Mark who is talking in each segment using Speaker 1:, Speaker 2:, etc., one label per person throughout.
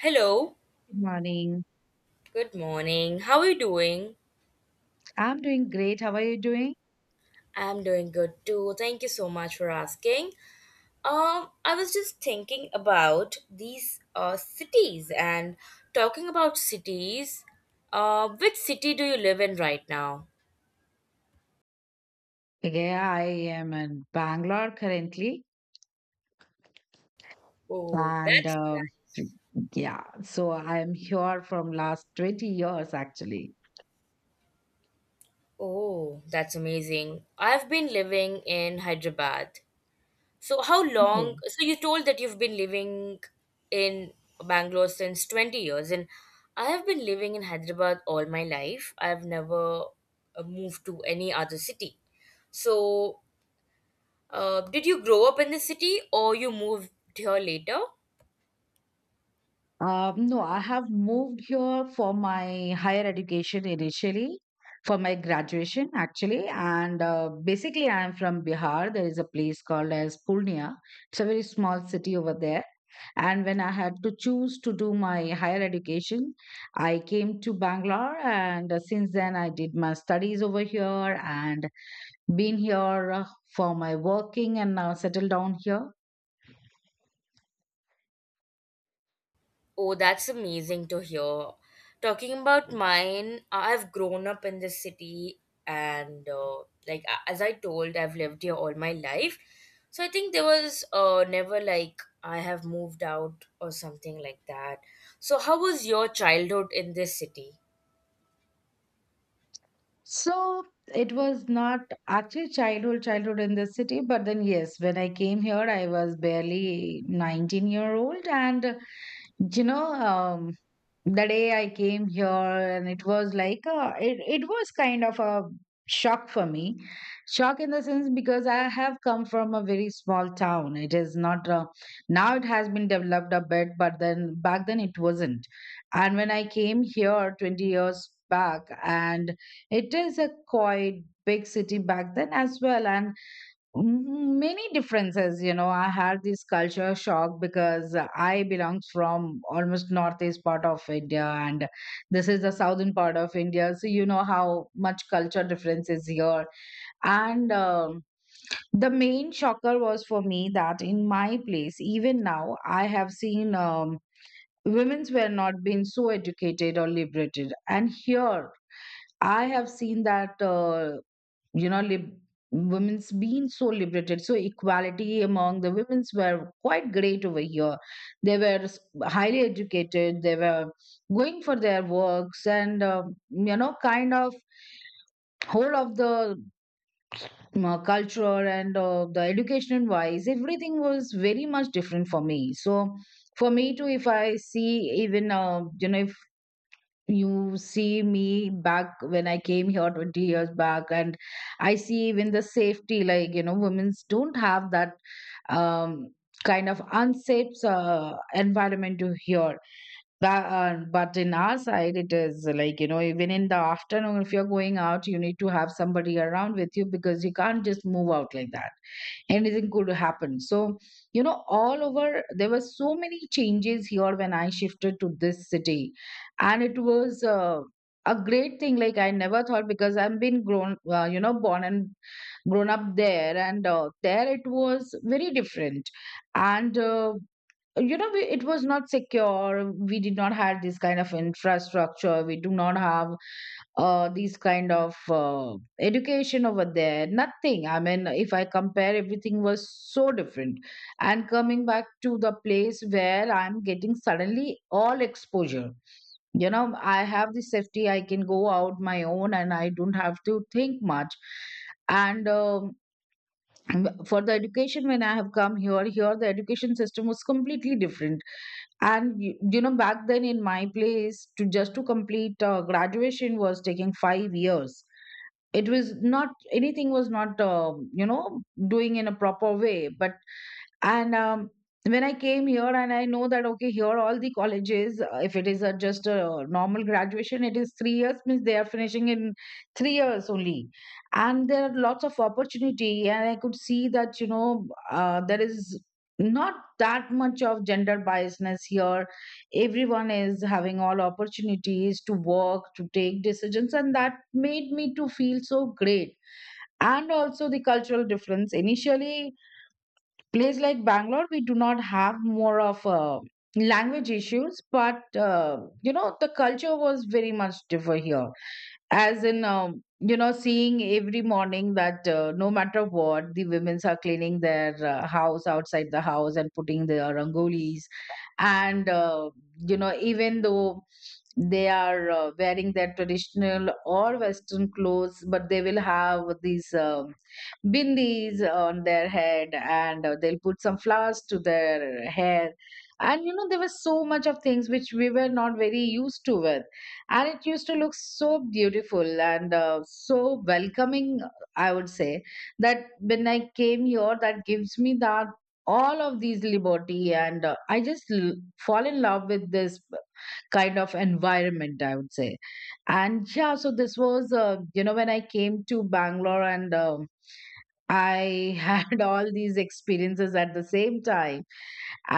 Speaker 1: Hello,
Speaker 2: Good morning.
Speaker 1: good morning. How are you doing?
Speaker 2: I'm doing great. How are you doing?
Speaker 1: I'm doing good too. Thank you so much for asking. I was just thinking about these cities and talking about cities. Which city do you live in right now?
Speaker 2: Yeah, I am in Bangalore currently.
Speaker 1: Oh,
Speaker 2: And
Speaker 1: that's
Speaker 2: Yeah, so I'm here from last 20 years actually.
Speaker 1: Oh, that's amazing. I've been living in Hyderabad. So how long?
Speaker 2: Okay.
Speaker 1: So you told that you've been living in Bangalore since 20 years, and I have been living in Hyderabad all my life. I've never moved to any other city. So, did you grow up in the city or you moved here later?
Speaker 2: No, I have moved here for my higher education initially, for my graduation actually, and basically I am from Bihar. There is a place called as Purnia. It's a very small city over there. And when I had to choose to do my higher education, I came to Bangalore, and since then I did my studies over here and been here for my working, and now settled down here.
Speaker 1: Oh, that's amazing to hear. Talking about mine, I've grown up in this city, and as I told, I've lived here all my life. So I think there was never like I have moved out or something like that. So how was your childhood in this city?
Speaker 2: So it was not actually childhood, childhood in the city, but then yes, when I came here, I was barely 19-year-old, and you know, the day I came here, and it was like a, it was kind of a shock for me. Shock in the sense because I have come from a very small town. It is not a, now it has been developed a bit, but then back then it wasn't. And when I came here 20 years back, and it is a quite big city back then as well, and many differences, you know. I had this culture shock because I belong from almost northeast part of India, and this is the southern part of India. So you know how much culture difference is here. And The main shocker was for me that in my place, even now, I have seen women's were not being so educated or liberated, and here I have seen that. You know lib- Women's been so liberated, so equality among the women's were quite great over here. they were s- Highly educated, they were going for their works, and you know, kind of whole of the culture and the education wise, everything was very much different for me. So for me too, if I see, even you know, if you see me back when I came here 20 years back, and I see even the safety, like, you know, women's don't have that um, kind of unsafe environment to hear. That, but in our side, it is like, you know, even in the afternoon, if you're going out, you need to have somebody around with you because you can't just move out like that. Anything could happen. So, you know, all over, there were so many changes here when I shifted to this city. And it was a great thing. Like, I never thought, because I've been grown, you know, born and grown up there. And there it was very different. And You know, we, it was not secure. We did not have this kind of infrastructure. We do not have these kind of education over there. Nothing, I mean, if I compare, everything was so different, and coming back to the place where I'm getting suddenly all exposure, you know, I have the safety. I can go out my own and I don't have to think much. And For the education, when I have come here, here the education system was completely different. And you know back then in my place, to just to complete graduation was taking 5 years. It was not, anything was not, you know, doing in a proper way. But and um, when I came here, and I know that okay, here all the colleges, if it is a, just a normal graduation, it is 3 years, means they are finishing in 3 years only, and there are lots of opportunity. And I could see that, you know, there is not that much of gender biasness here. Everyone is having all opportunities to work, to take decisions, and that made me to feel so great. And also the cultural difference. Initially, place like Bangalore, we do not have more of language issues, but you know, the culture was very much different here, as in you know, seeing every morning that no matter what, the women's are cleaning their house, outside the house, and putting their rangolis and you know, even though they are wearing their traditional or western clothes, but they will have these bindis on their head, and they'll put some flowers to their hair. And you know, there was so much of things which we were not very used to with, and it used to look so beautiful and so welcoming, I would say, that when I came here, that gives me that all of these liberty, and fall in love with this kind of environment, I would say. And yeah, so this was you know, when I came to Bangalore, and I had all these experiences at the same time.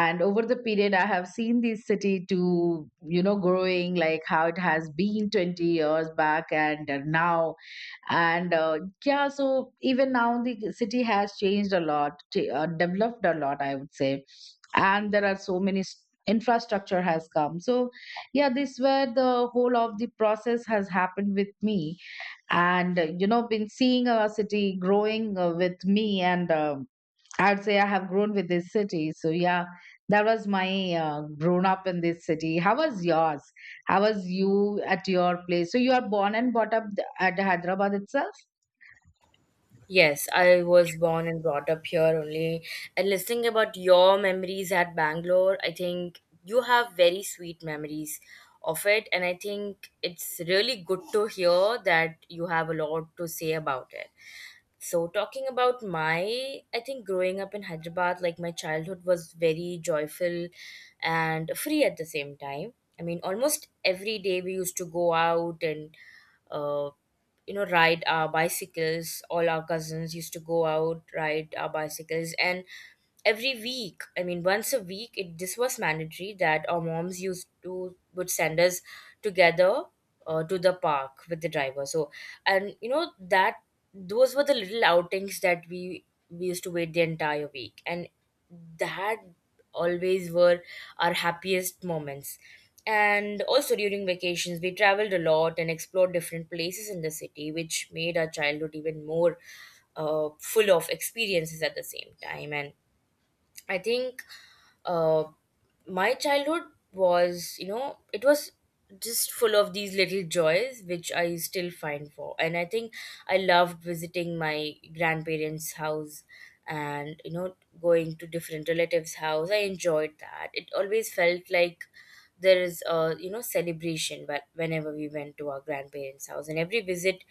Speaker 2: And over the period, I have seen this city to, you know, growing, like how it has been 20 years back and now. And Yeah, so even now, the city has changed a lot, developed a lot, I would say. And there are so many s- Infrastructure has come. So yeah, this where the whole of the process has happened with me. And you know, been seeing a city growing with me, and I'd say I have grown with this city. So yeah, that was my grown up in this city. How was yours? How was you at your place? So you are born and brought up at Hyderabad itself?
Speaker 1: Yes, I was born and brought up here only. And listening about your memories at Bangalore, I think you have very sweet memories of it. And I think it's really good to hear that you have a lot to say about it. So, talking about my, I think growing up in Hyderabad, like my childhood was very joyful and free at the same time. I mean, almost every day we used to go out and uh, you know, ride our bicycles. All our cousins used to go out, ride our bicycles, and every week, I mean once a week, it this was mandatory that our moms used to would send us together to the park with the driver. So, and you know that, those were the little outings that we used to wait the entire week, and that always were our happiest moments. And also during vacations, we traveled a lot and explored different places in the city, which made our childhood even more full of experiences at the same time. And I think uh, my childhood was, you know, it was just full of these little joys which I still find for. And I think I loved visiting my grandparents' house and, you know, going to different relatives' house. I enjoyed that. It always felt like there is a, you know, celebration whenever we went to our grandparents' house. And every visit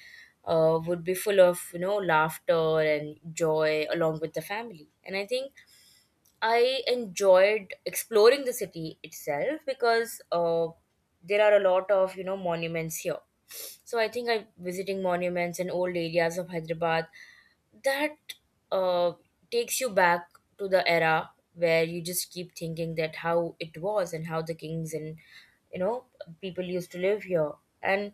Speaker 1: would be full of, you know, laughter and joy along with the family. And I think I enjoyed exploring the city itself because there are a lot of, you know, monuments here. So I think I visiting monuments and old areas of Hyderabad that uh, takes you back to the era where you just keep thinking that how it was and how the kings and, you know, people used to live here. And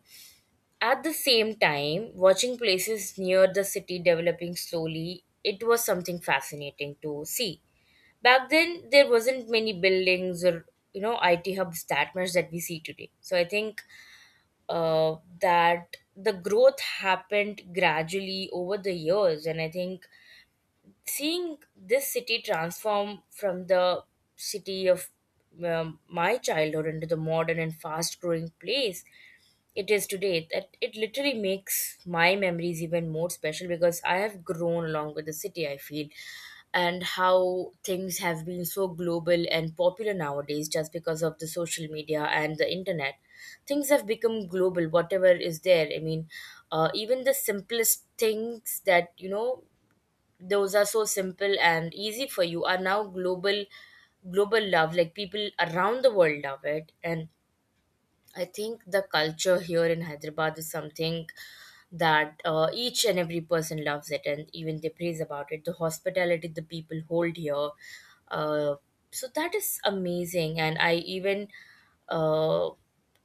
Speaker 1: at the same time, watching places near the city developing slowly, it was something fascinating to see. Back then there wasn't many buildings or, you know, IT hubs that much that we see today. So I think that the growth happened gradually over the years, and I think seeing this city transform from the city of my childhood into the modern and fast growing place it is today, that it literally makes my memories even more special because I have grown along with the city, I feel. And how things have been so global and popular nowadays just because of the social media and the internet, things have become global. Whatever is there, I mean even the simplest things that, you know, those are so simple and easy for you are now global. Global love, like people around the world love it. And I think the culture here in Hyderabad is something that each and every person loves it and even they praise about it. The hospitality the people hold here. Uh, so that is amazing. And I even uh,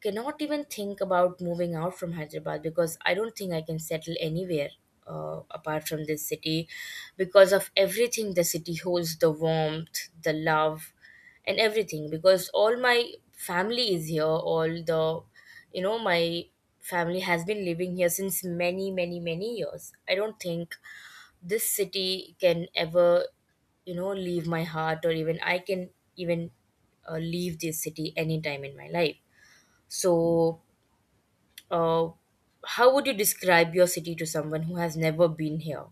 Speaker 1: cannot even think about moving out from Hyderabad because I don't think I can settle anywhere. Apart from this city, because of everything the city holds, the warmth, the love, and everything, because all my family is here, all the, you know, my family has been living here since many, many, many years. I don't think this city can ever, you know, leave my heart, or even I can even leave this city anytime in my life. So, uh, how would you describe your city to someone who has never been here?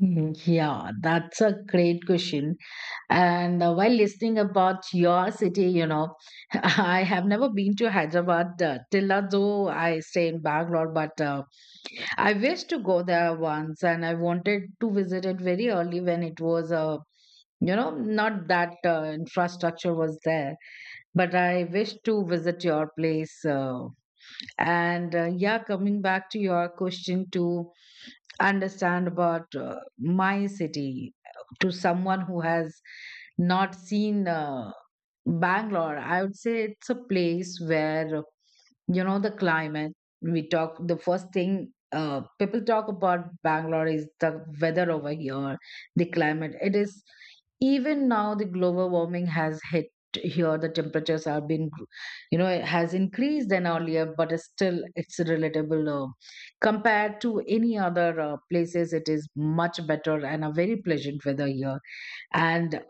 Speaker 2: Mhm. Yeah, that's a great question. And while listening about your city, you know, I have never been to Hyderabad till now, though I stay in Bangalore, but I wish to go there once, and I wanted to visit it very early when it was a, you know, not that infrastructure was there, but I wish to visit your place. And Yeah, coming back to your question, to understand about my city, to someone who has not seen Bangalore, I would say it's a place where, you know, the climate, we talk, the first thing people talk about Bangalore is the weather over here, the climate. It is, even now the global warming has hit here, the temperatures have been, you know, it has increased than earlier, but it's still, it's relatable, compared to any other places. It is much better and a very pleasant weather here. And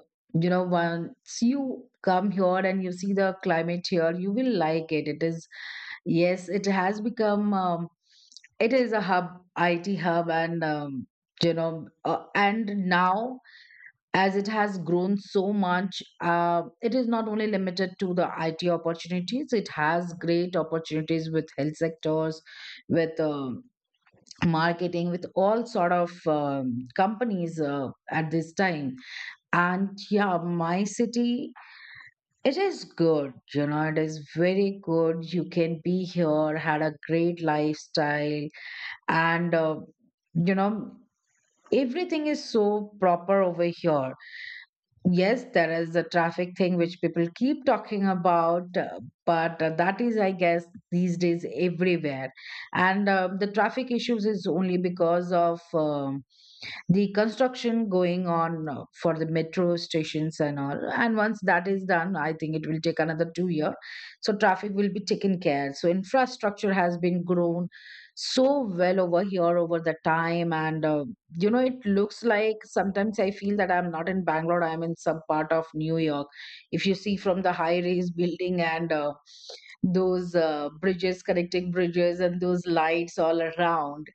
Speaker 2: you know, once you come here and you see the climate here, you will like it. It is, yes, it has become it is a hub, IT hub, and and now, as it has grown so much, it is not only limited to the IT opportunities. It has great opportunities with health sectors, with marketing, with all sort of companies at this time. And yeah, my city, it is good, you know, it is very good. You can be here, had a great lifestyle, and you know, everything is so proper over here. Yes, there is the traffic thing which people keep talking about, but that is, I guess, these days everywhere. And the traffic issues is only because of, the construction going on for the metro stations and all. And once that is done, I think it will take another 2 year, so traffic will be taken care. So infrastructure has been grown so well over here over the time. And you know, it looks like sometimes I feel that I'm not in Bangalore, I'm in some part of New York, if you see from the high rise building and those bridges, connecting bridges, and those lights all around.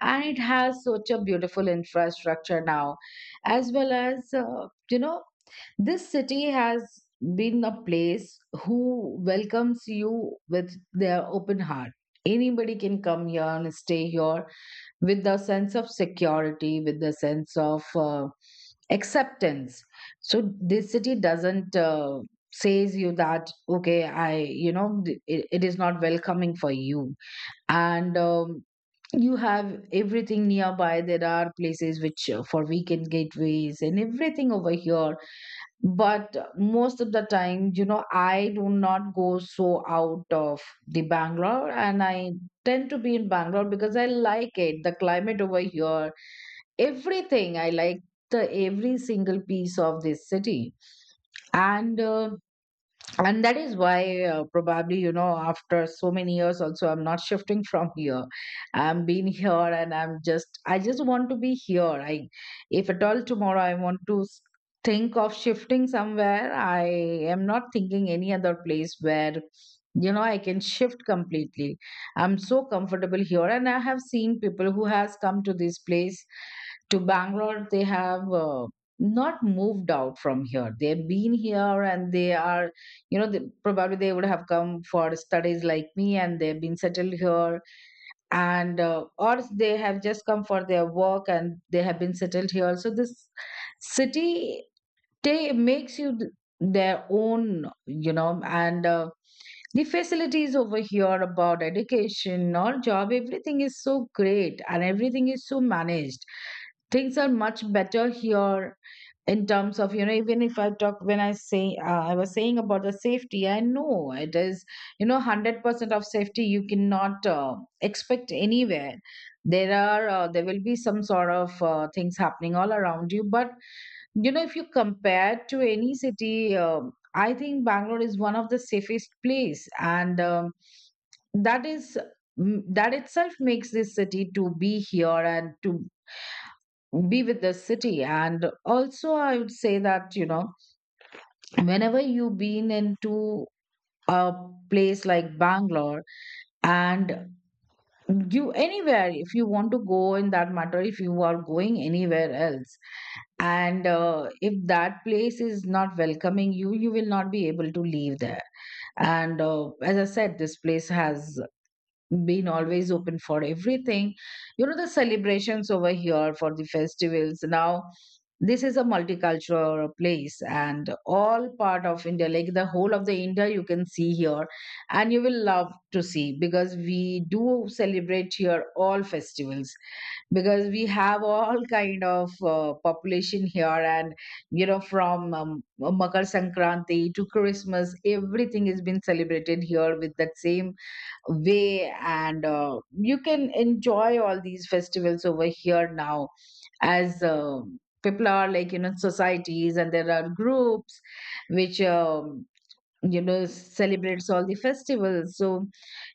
Speaker 2: And it has such a beautiful infrastructure now, as well as you know, this city has been a place who welcomes you with their open heart. Anybody can come here and stay here with the sense of security, with the sense of acceptance. So this city doesn't, says you that okay, I you know th- it is not welcoming for you. And You have everything nearby. There are places which for weekend gateways and everything over here. But most of the time, you know, I do not go so out of the Bangalore, and I tend to be in Bangalore because I like it, the climate over here, everything I like, the every single piece of this city. And uh, and that is why, probably, you know, after so many years also, I'm not shifting from here. I'm been here and I'm just I just want to be here I if at all tomorrow I want to think of shifting somewhere, I am not thinking any other place where, you know, I can Shift completely. I'm so comfortable here, and I have seen people who has come to this place to Bangalore, they have not moved out from here. They've been here, and they are, they, probably they would have come for studies like me, and they've been settled here. Or they have just come for their work, and they have been settled here. So this city, they makes their own, you know, and the facilities over here about education or job, everything is so great and everything is so managed. Things are much better here in terms of, even if I talk, when I say I was saying about the safety, I know it is, 100% of safety you cannot expect anywhere. There are, there will be some sort of things happening all around you, but you know if you compare to any city, I think Bangalore is one of the safest place, and that is that itself makes this city to be here and to be with the city. And also I would say that you know whenever you've been into a place like Bangalore and you anywhere, if you want to go, in that matter, if you are going anywhere else, and if that place is not welcoming you, you will not be able to leave there. And as I said, this place has been always open for everything. You know, the celebrations over here for the festivals. Now, this is a multicultural place, and all part of India, like the whole of the India, you can see here. And you will love to see, because we do celebrate here all festivals, because we have all kind of population here. And you know from Makar Sankranti to Christmas, everything has been celebrated here with that same way. And you can enjoy all these festivals over here. Now, as people are like, you know, societies, and there are groups which, you know, celebrates all the festivals. So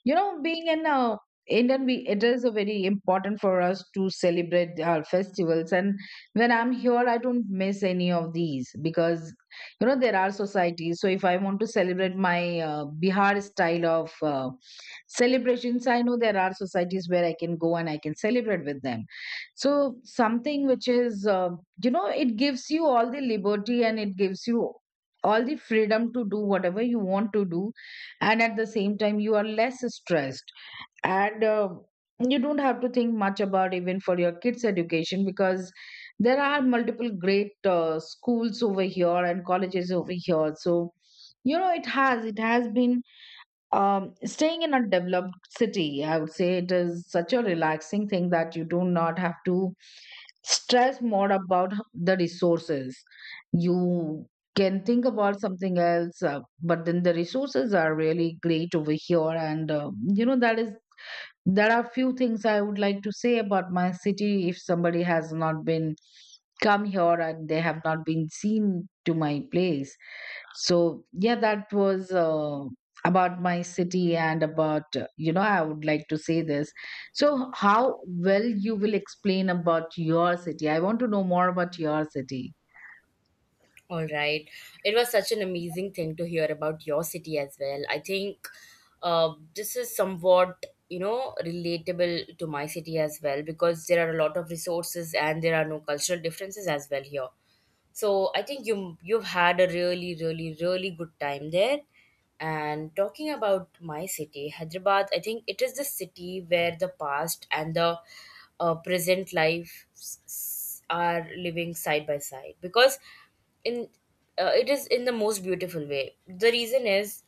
Speaker 2: you know, being an Indian, we, it is a very important for us to celebrate our festivals. And when I'm here, I don't miss any of these, because you know there are societies. So if I want to celebrate my Bihar style of celebrations, I know there are societies where I can go and I can celebrate with them. So something which is you know, it gives you all the liberty, and it gives you all the freedom to do whatever you want to do. And at the same time, you are less stressed. And you don't have to think much about even for your kids education, because there are multiple great schools over here and colleges over here. So you know it has been, staying in a developed city, I would say it is such a relaxing thing that you do not have to stress more about the resources. You can think about something else. But then the resources are really great over here. And you know, that is, there are few things I would like to say about my city, if somebody has not been come here and they have not been seen to my place. So yeah, that was about my city. And about, you know, I would like to say this. So how well you will explain about your city? I want to know more about your city.
Speaker 1: All right. It was such an amazing thing to hear about your city as well. I think this is somewhat, you know, relatable to my city as well because there are a lot of resources and there are no cultural differences as well here. So I think you you've had a really, really, really good time there. And talking about my city, Hyderabad, I think it is the city where the past and the present lives are living side by side. Because in it is in the most beautiful way. The reason is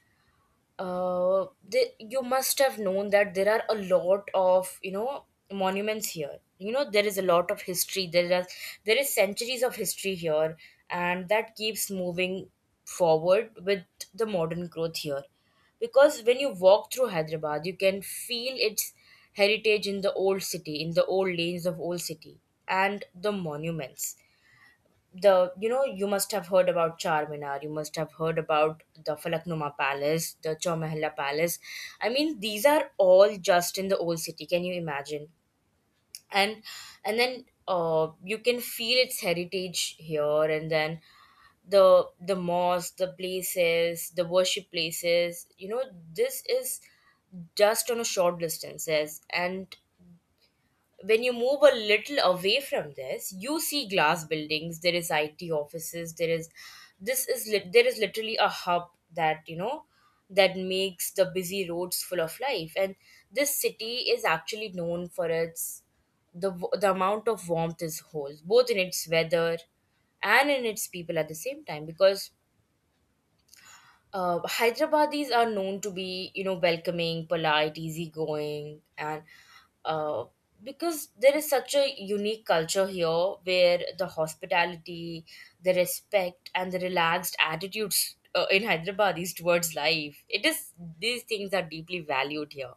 Speaker 1: you must have known that there are a lot of, you know, monuments here. You know, there is a lot of history, there are, there is centuries of history here, and that keeps moving forward with the modern growth here. Because when you walk through Hyderabad, you can feel its heritage in the old city, in the old lanes of old city and the monuments. The You know, you must have heard about Charminar, you must have heard about the Falaknuma Palace, the Chomahalla Palace. I mean, these are all just in the old city, can you imagine? and and then you can feel its heritage here. And then the mosque, the places, the worship places, you know, this is just on a short distance. Yes, and when you move a little away from this, you see glass buildings, there is IT offices, there is, this is lit, there is literally a hub that, you know, that makes the busy roads full of life. And this city is actually known for its the amount of warmth it holds, both in its weather and in its people at the same time. Because Hyderabadis are known to be, you know, welcoming, polite, easygoing, and uh, because there is such a unique culture here where the hospitality, the respect, and the relaxed attitudes in Hyderabadis towards life, it is, these things are deeply valued here.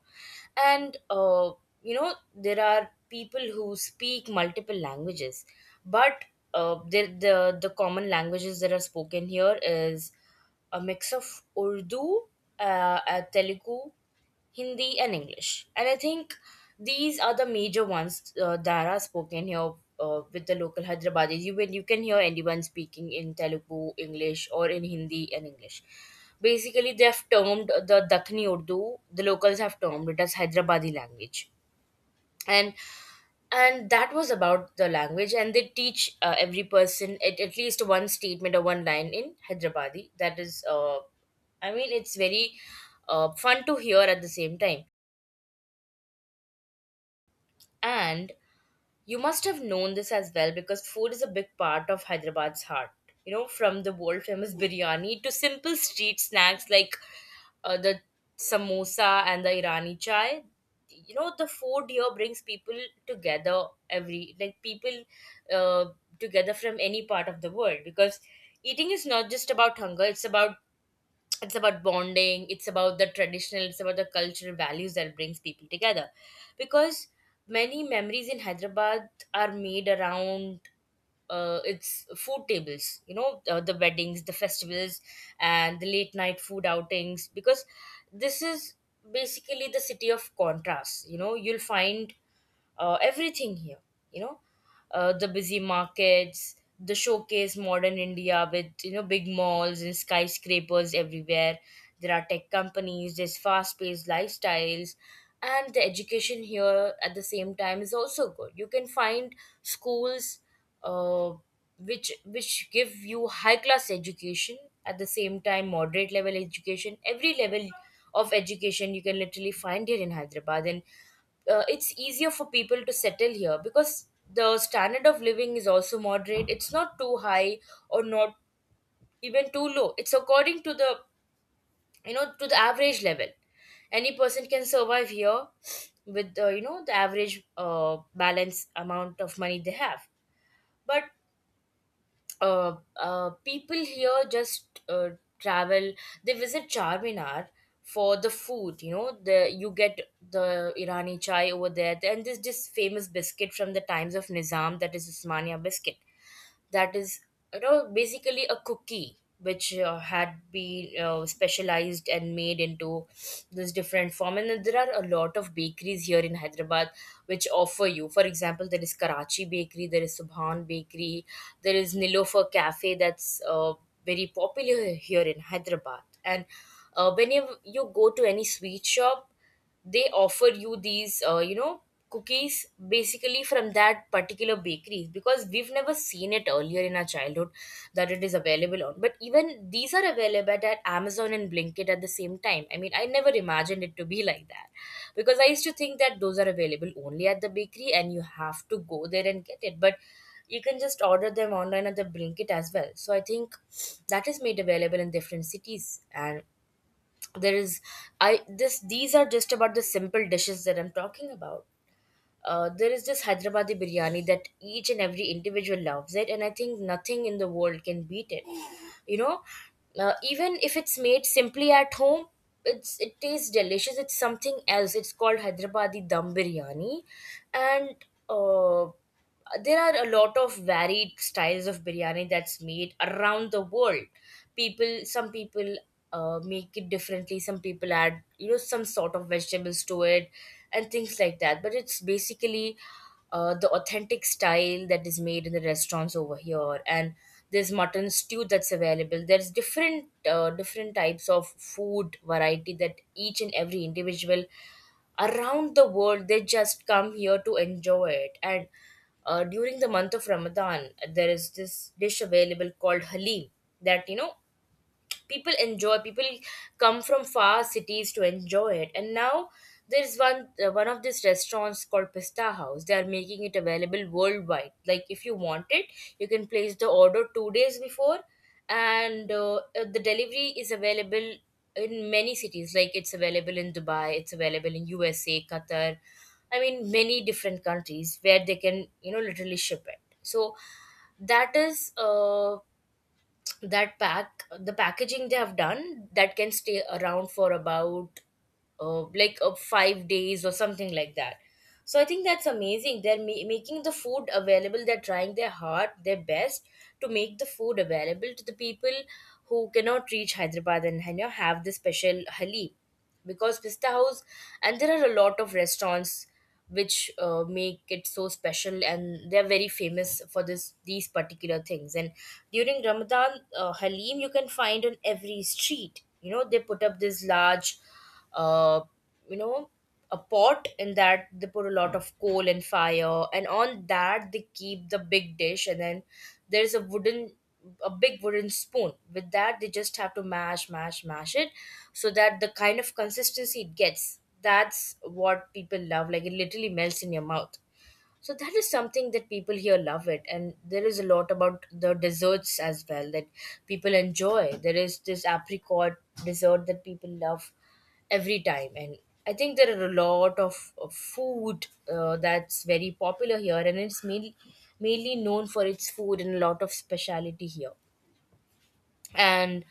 Speaker 1: And you know, there are people who speak multiple languages, but there the common languages that are spoken here is a mix of Urdu, Telugu, Hindi, and English. And I think these are the major ones that are spoken here with the local Hyderabadis. You, when you can hear anyone speaking in Telugu, English, or in Hindi and English. Basically, they have termed the Dakni Urdu, the locals have termed it as Hyderabadi language. And that was about the language, and they teach every person at least one statement or one line in Hyderabadi. That is I mean, it's very fun to hear at the same time. And you must have known this as well because food is a big part of Hyderabad's heart. You know, from the world famous biryani to simple street snacks like the samosa and the Irani chai. You know, the food here brings people together. Every like people uh, together from any part of the world. Because eating is not just about hunger; it's about, it's about bonding, it's about the traditional, it's about the cultural values that brings people together. Because many memories in Hyderabad are made around its food tables. You know, the weddings, the festivals, and the late night food outings. Because this is basically the city of contrasts. You know, you'll find everything here. You know, the busy markets, the showcase modern India with, you know, big malls and skyscrapers everywhere. There are tech companies, there's fast paced lifestyles, and the education here at the same time is also good. You can find schools uh, which give you high class education, at the same time moderate level education. Every level of education you can literally find here in Hyderabad. And it's easier for people to settle here because the standard of living is also moderate. It's not too high or not even too low. It's according to the, you know, to the average level. Any person can survive here with the, you know, the average balance amount of money they have. But people here just travel, they visit Charminar for the food. You know, the you get the Irani chai over there, and this famous biscuit from the times of Nizam, that is Usmania biscuit. That is, you know, basically a cookie which had been specialized and made into this different form. And then there are a lot of bakeries here in Hyderabad, which offer you, for example, there is Karachi Bakery, there is Subhan Bakery, there is Nilofer Cafe. That's very popular here in Hyderabad. And when you go to any sweet shop, they offer you these cookies basically from that particular bakery, because we've never seen it earlier in our childhood, that it is available on. But even these are available at Amazon and Blinkit at the same time. I mean, I never imagined it to be like that, because I used to think that those are available only at the bakery and you have to go there and get it, but you can just order them online at the Blinkit as well. So I think that is made available in different cities. And there is, I this these are just about the simple dishes that I'm talking about. There is this Hyderabadi biryani that each and every individual loves it, and I think nothing in the world can beat it, you know. Even if it's made simply at home, it tastes delicious. It's something else. It's called Hyderabadi dum biryani. And uh, there are a lot of varied styles of biryani that's made around the world. People, some people make it differently. Some people add, you know, some sort of vegetables to it and things like that. But it's basically the authentic style that is made in the restaurants over here. And there's mutton stew that's available. There's different types of food variety that each and every individual around the world, they just come here to enjoy it. And during the month of Ramadan, there is this dish available called halim that, you know, people enjoy. People come from far cities to enjoy it. And now there's one of these restaurants called Pista House. They are making it available worldwide. Like, if you want it, you can place the order 2 days before. And the delivery is available in many cities. Like, it's available in Dubai, it's available in USA, Qatar. I mean, many different countries where they can, you know, literally ship it. So that is that pack the packaging they have done that can stay around for about 5 days or something like that. So I think that's amazing. They're making the food available. They're trying their heart, their best to make the food available to the people who cannot reach Hyderabad and, you know, have the special halim. Because Pista House, and there are a lot of restaurants which make it so special, and they're very famous for this these particular things. And during Ramadan, halim you can find on every street. You know, they put up this large uh, you know a pot. In that, they put a lot of coal and fire, and on that they keep the big dish. And then there's a big wooden spoon. With that, they just have to mash, mash, mash it, so that the kind of consistency it gets, that's what people love. Like, it literally melts in your mouth. So that is something that people here love it. And there is a lot about the desserts as well that people enjoy. There is this apricot dessert that people love every time. And I think there are a lot of food that's very popular here, and it's mainly known for its food and a lot of speciality here. And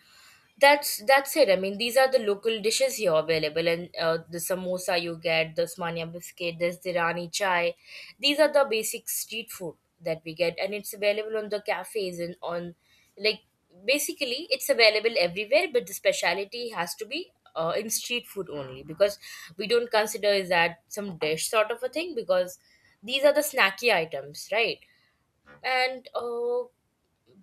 Speaker 1: that's it. I mean, these are the local dishes here available. And the samosa you get, the smania biscuit, there's the rani chai. These are the basic street food that we get, and it's available on the cafes and on, like, basically it's available everywhere. But the speciality has to be in street food only, because we don't consider is that some dish sort of a thing, because these are the snacky items, right? And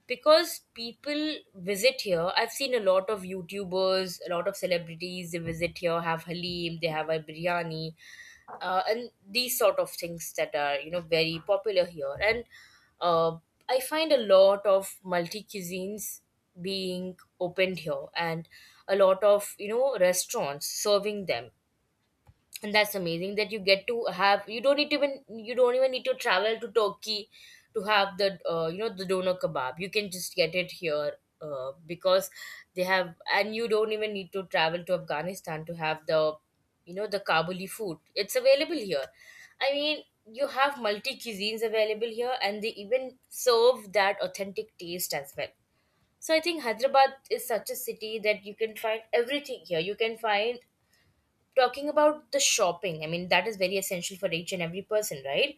Speaker 1: Because people visit here, I've seen a lot of YouTubers, a lot of celebrities, they visit here, have halim, they have a biryani, and these sort of things that are, you know, very popular here. And uh, I find a lot of multi cuisines being opened here, and a lot of, you know, restaurants serving them. And that's amazing that you get to have, you don't need to even, you don't even need to travel to Turkey to have the the doner kebab. You can just get it here. Because they have, and you don't even need to travel to Afghanistan to have the, you know, the Kabuli food. It's available here. I mean, you have multi cuisines available here, and they even serve that authentic taste as well. So I think Hyderabad is such a city that you can find everything here. You can find, talking about the shopping, I mean, that is very essential for each and every person, right?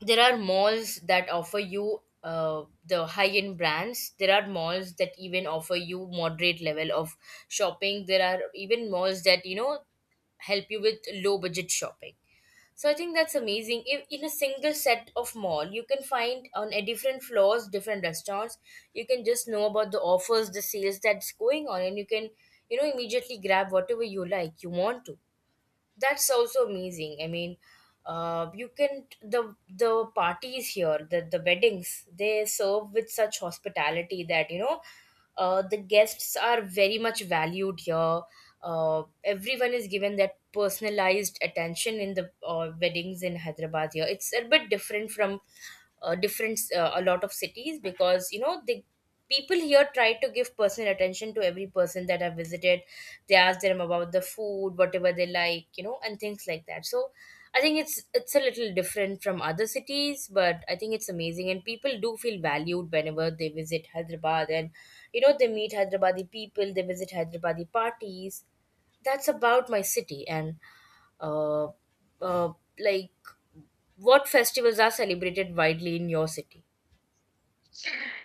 Speaker 1: There are malls that offer you the high end brands. There are malls that even offer you moderate level of shopping. There are even malls that, you know, help you with low budget shopping. So I think that's amazing. If in a single set of mall, you can find on a different floors different restaurants, you can just know about the offers, the sales that's going on, and you can, you know, immediately grab whatever you like, you want to. That's also amazing. I mean, you can, the parties here, the weddings, they serve with such hospitality that, you know, the guests are very much valued here. Everyone is given that personalized attention in the weddings in Hyderabad. Here it's a bit different from different a lot of cities, because, you know, the people here try to give personal attention to every person that I visited. They ask them about the food, whatever they like, you know, and things like that. So I think it's a little different from other cities, but I think it's amazing, and people do feel valued whenever they visit Hyderabad, and you know, they meet Hyderabadi people, they visit Hyderabadi parties. That's about my city. And uh, uh, like, what festivals are celebrated widely in your city?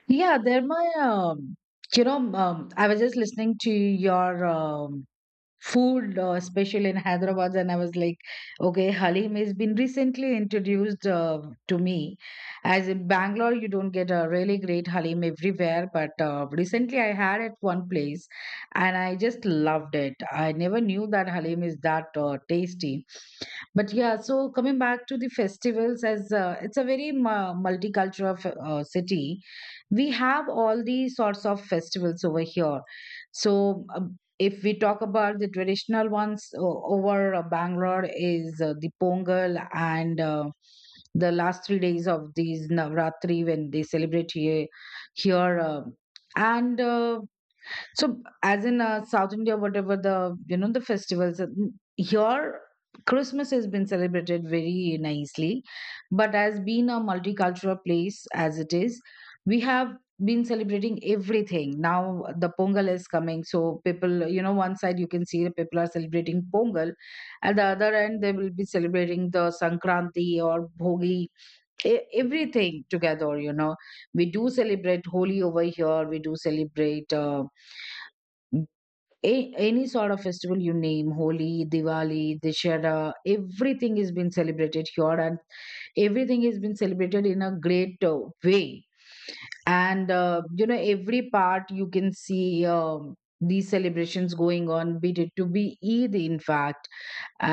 Speaker 2: Yeah, they're my you know, I was just listening to your food, especially in Hyderabad. And I was like, okay, Halim has been recently introduced to me. As in Bangalore, you don't get a really great Halim everywhere, but recently I had at one place, and I just loved it. I never knew that Halim is that tasty. But yeah, so coming back to the festivals, as it's a very multicultural city, we have all the sorts of festivals over here. So if we talk about the traditional ones over Bangalore, is the Pongal, and the last 3 days of these Navratri when they celebrate here. Here and So, as in South India, whatever the you know the festivals here, Christmas has been celebrated very nicely. But as being a multicultural place as it is, we have been celebrating everything. Now the Pongal is coming, so people, you know, one side you can see the people are celebrating Pongal, at the other end they will be celebrating the Sankranti or Bhogi, everything together. You know, we do celebrate Holi over here. We do celebrate. Any sort of festival you name, Holi, Diwali, Dishera, everything has been celebrated here, and everything has been celebrated in a great way. And you know, every part you can see these celebrations going on, be it to be Eid, in fact.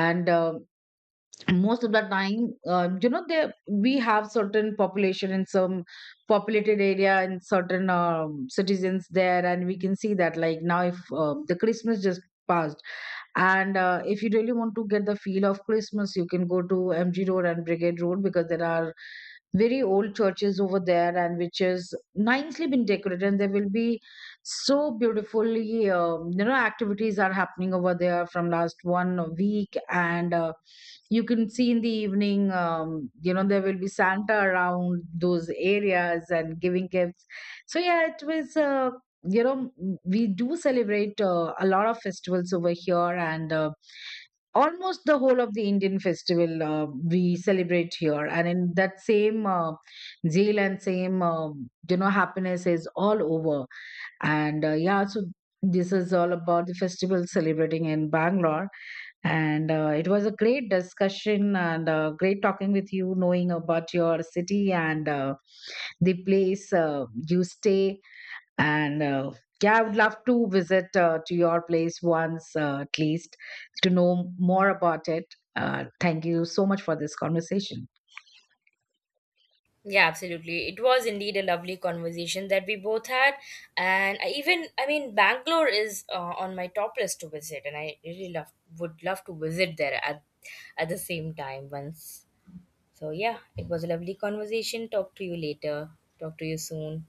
Speaker 2: And most of the time, you know, there, we have certain population in some populated area and certain citizens there, and we can see that. Like now, if the Christmas just passed, and if you really want to get the feel of Christmas, you can go to MG Road and Brigade Road, because there are very old churches over there and which is nicely been decorated, and there will be so beautifully, you know, activities are happening over there from last 1 week. And you can see in the evening, you know, there will be Santa around those areas and giving gifts. So yeah, it was you know, we do celebrate a lot of festivals over here. And almost the whole of the Indian festival we celebrate here, and in that same zeal and same you know happiness is all over. And yeah, so this is all about the festival celebrating in Bangalore. And it was a great discussion, and great talking with you, knowing about your city and the place you stay. And yeah, I would love to visit to your place once, at least to know more about it. Thank you so much for this conversation.
Speaker 1: Yeah, absolutely. It was indeed a lovely conversation that we both had. And I even, I mean, Bangalore is on my top list to visit, and I really love, would love to visit there at the same time once. So yeah, it was a lovely conversation. Talk to you later. Talk to you soon.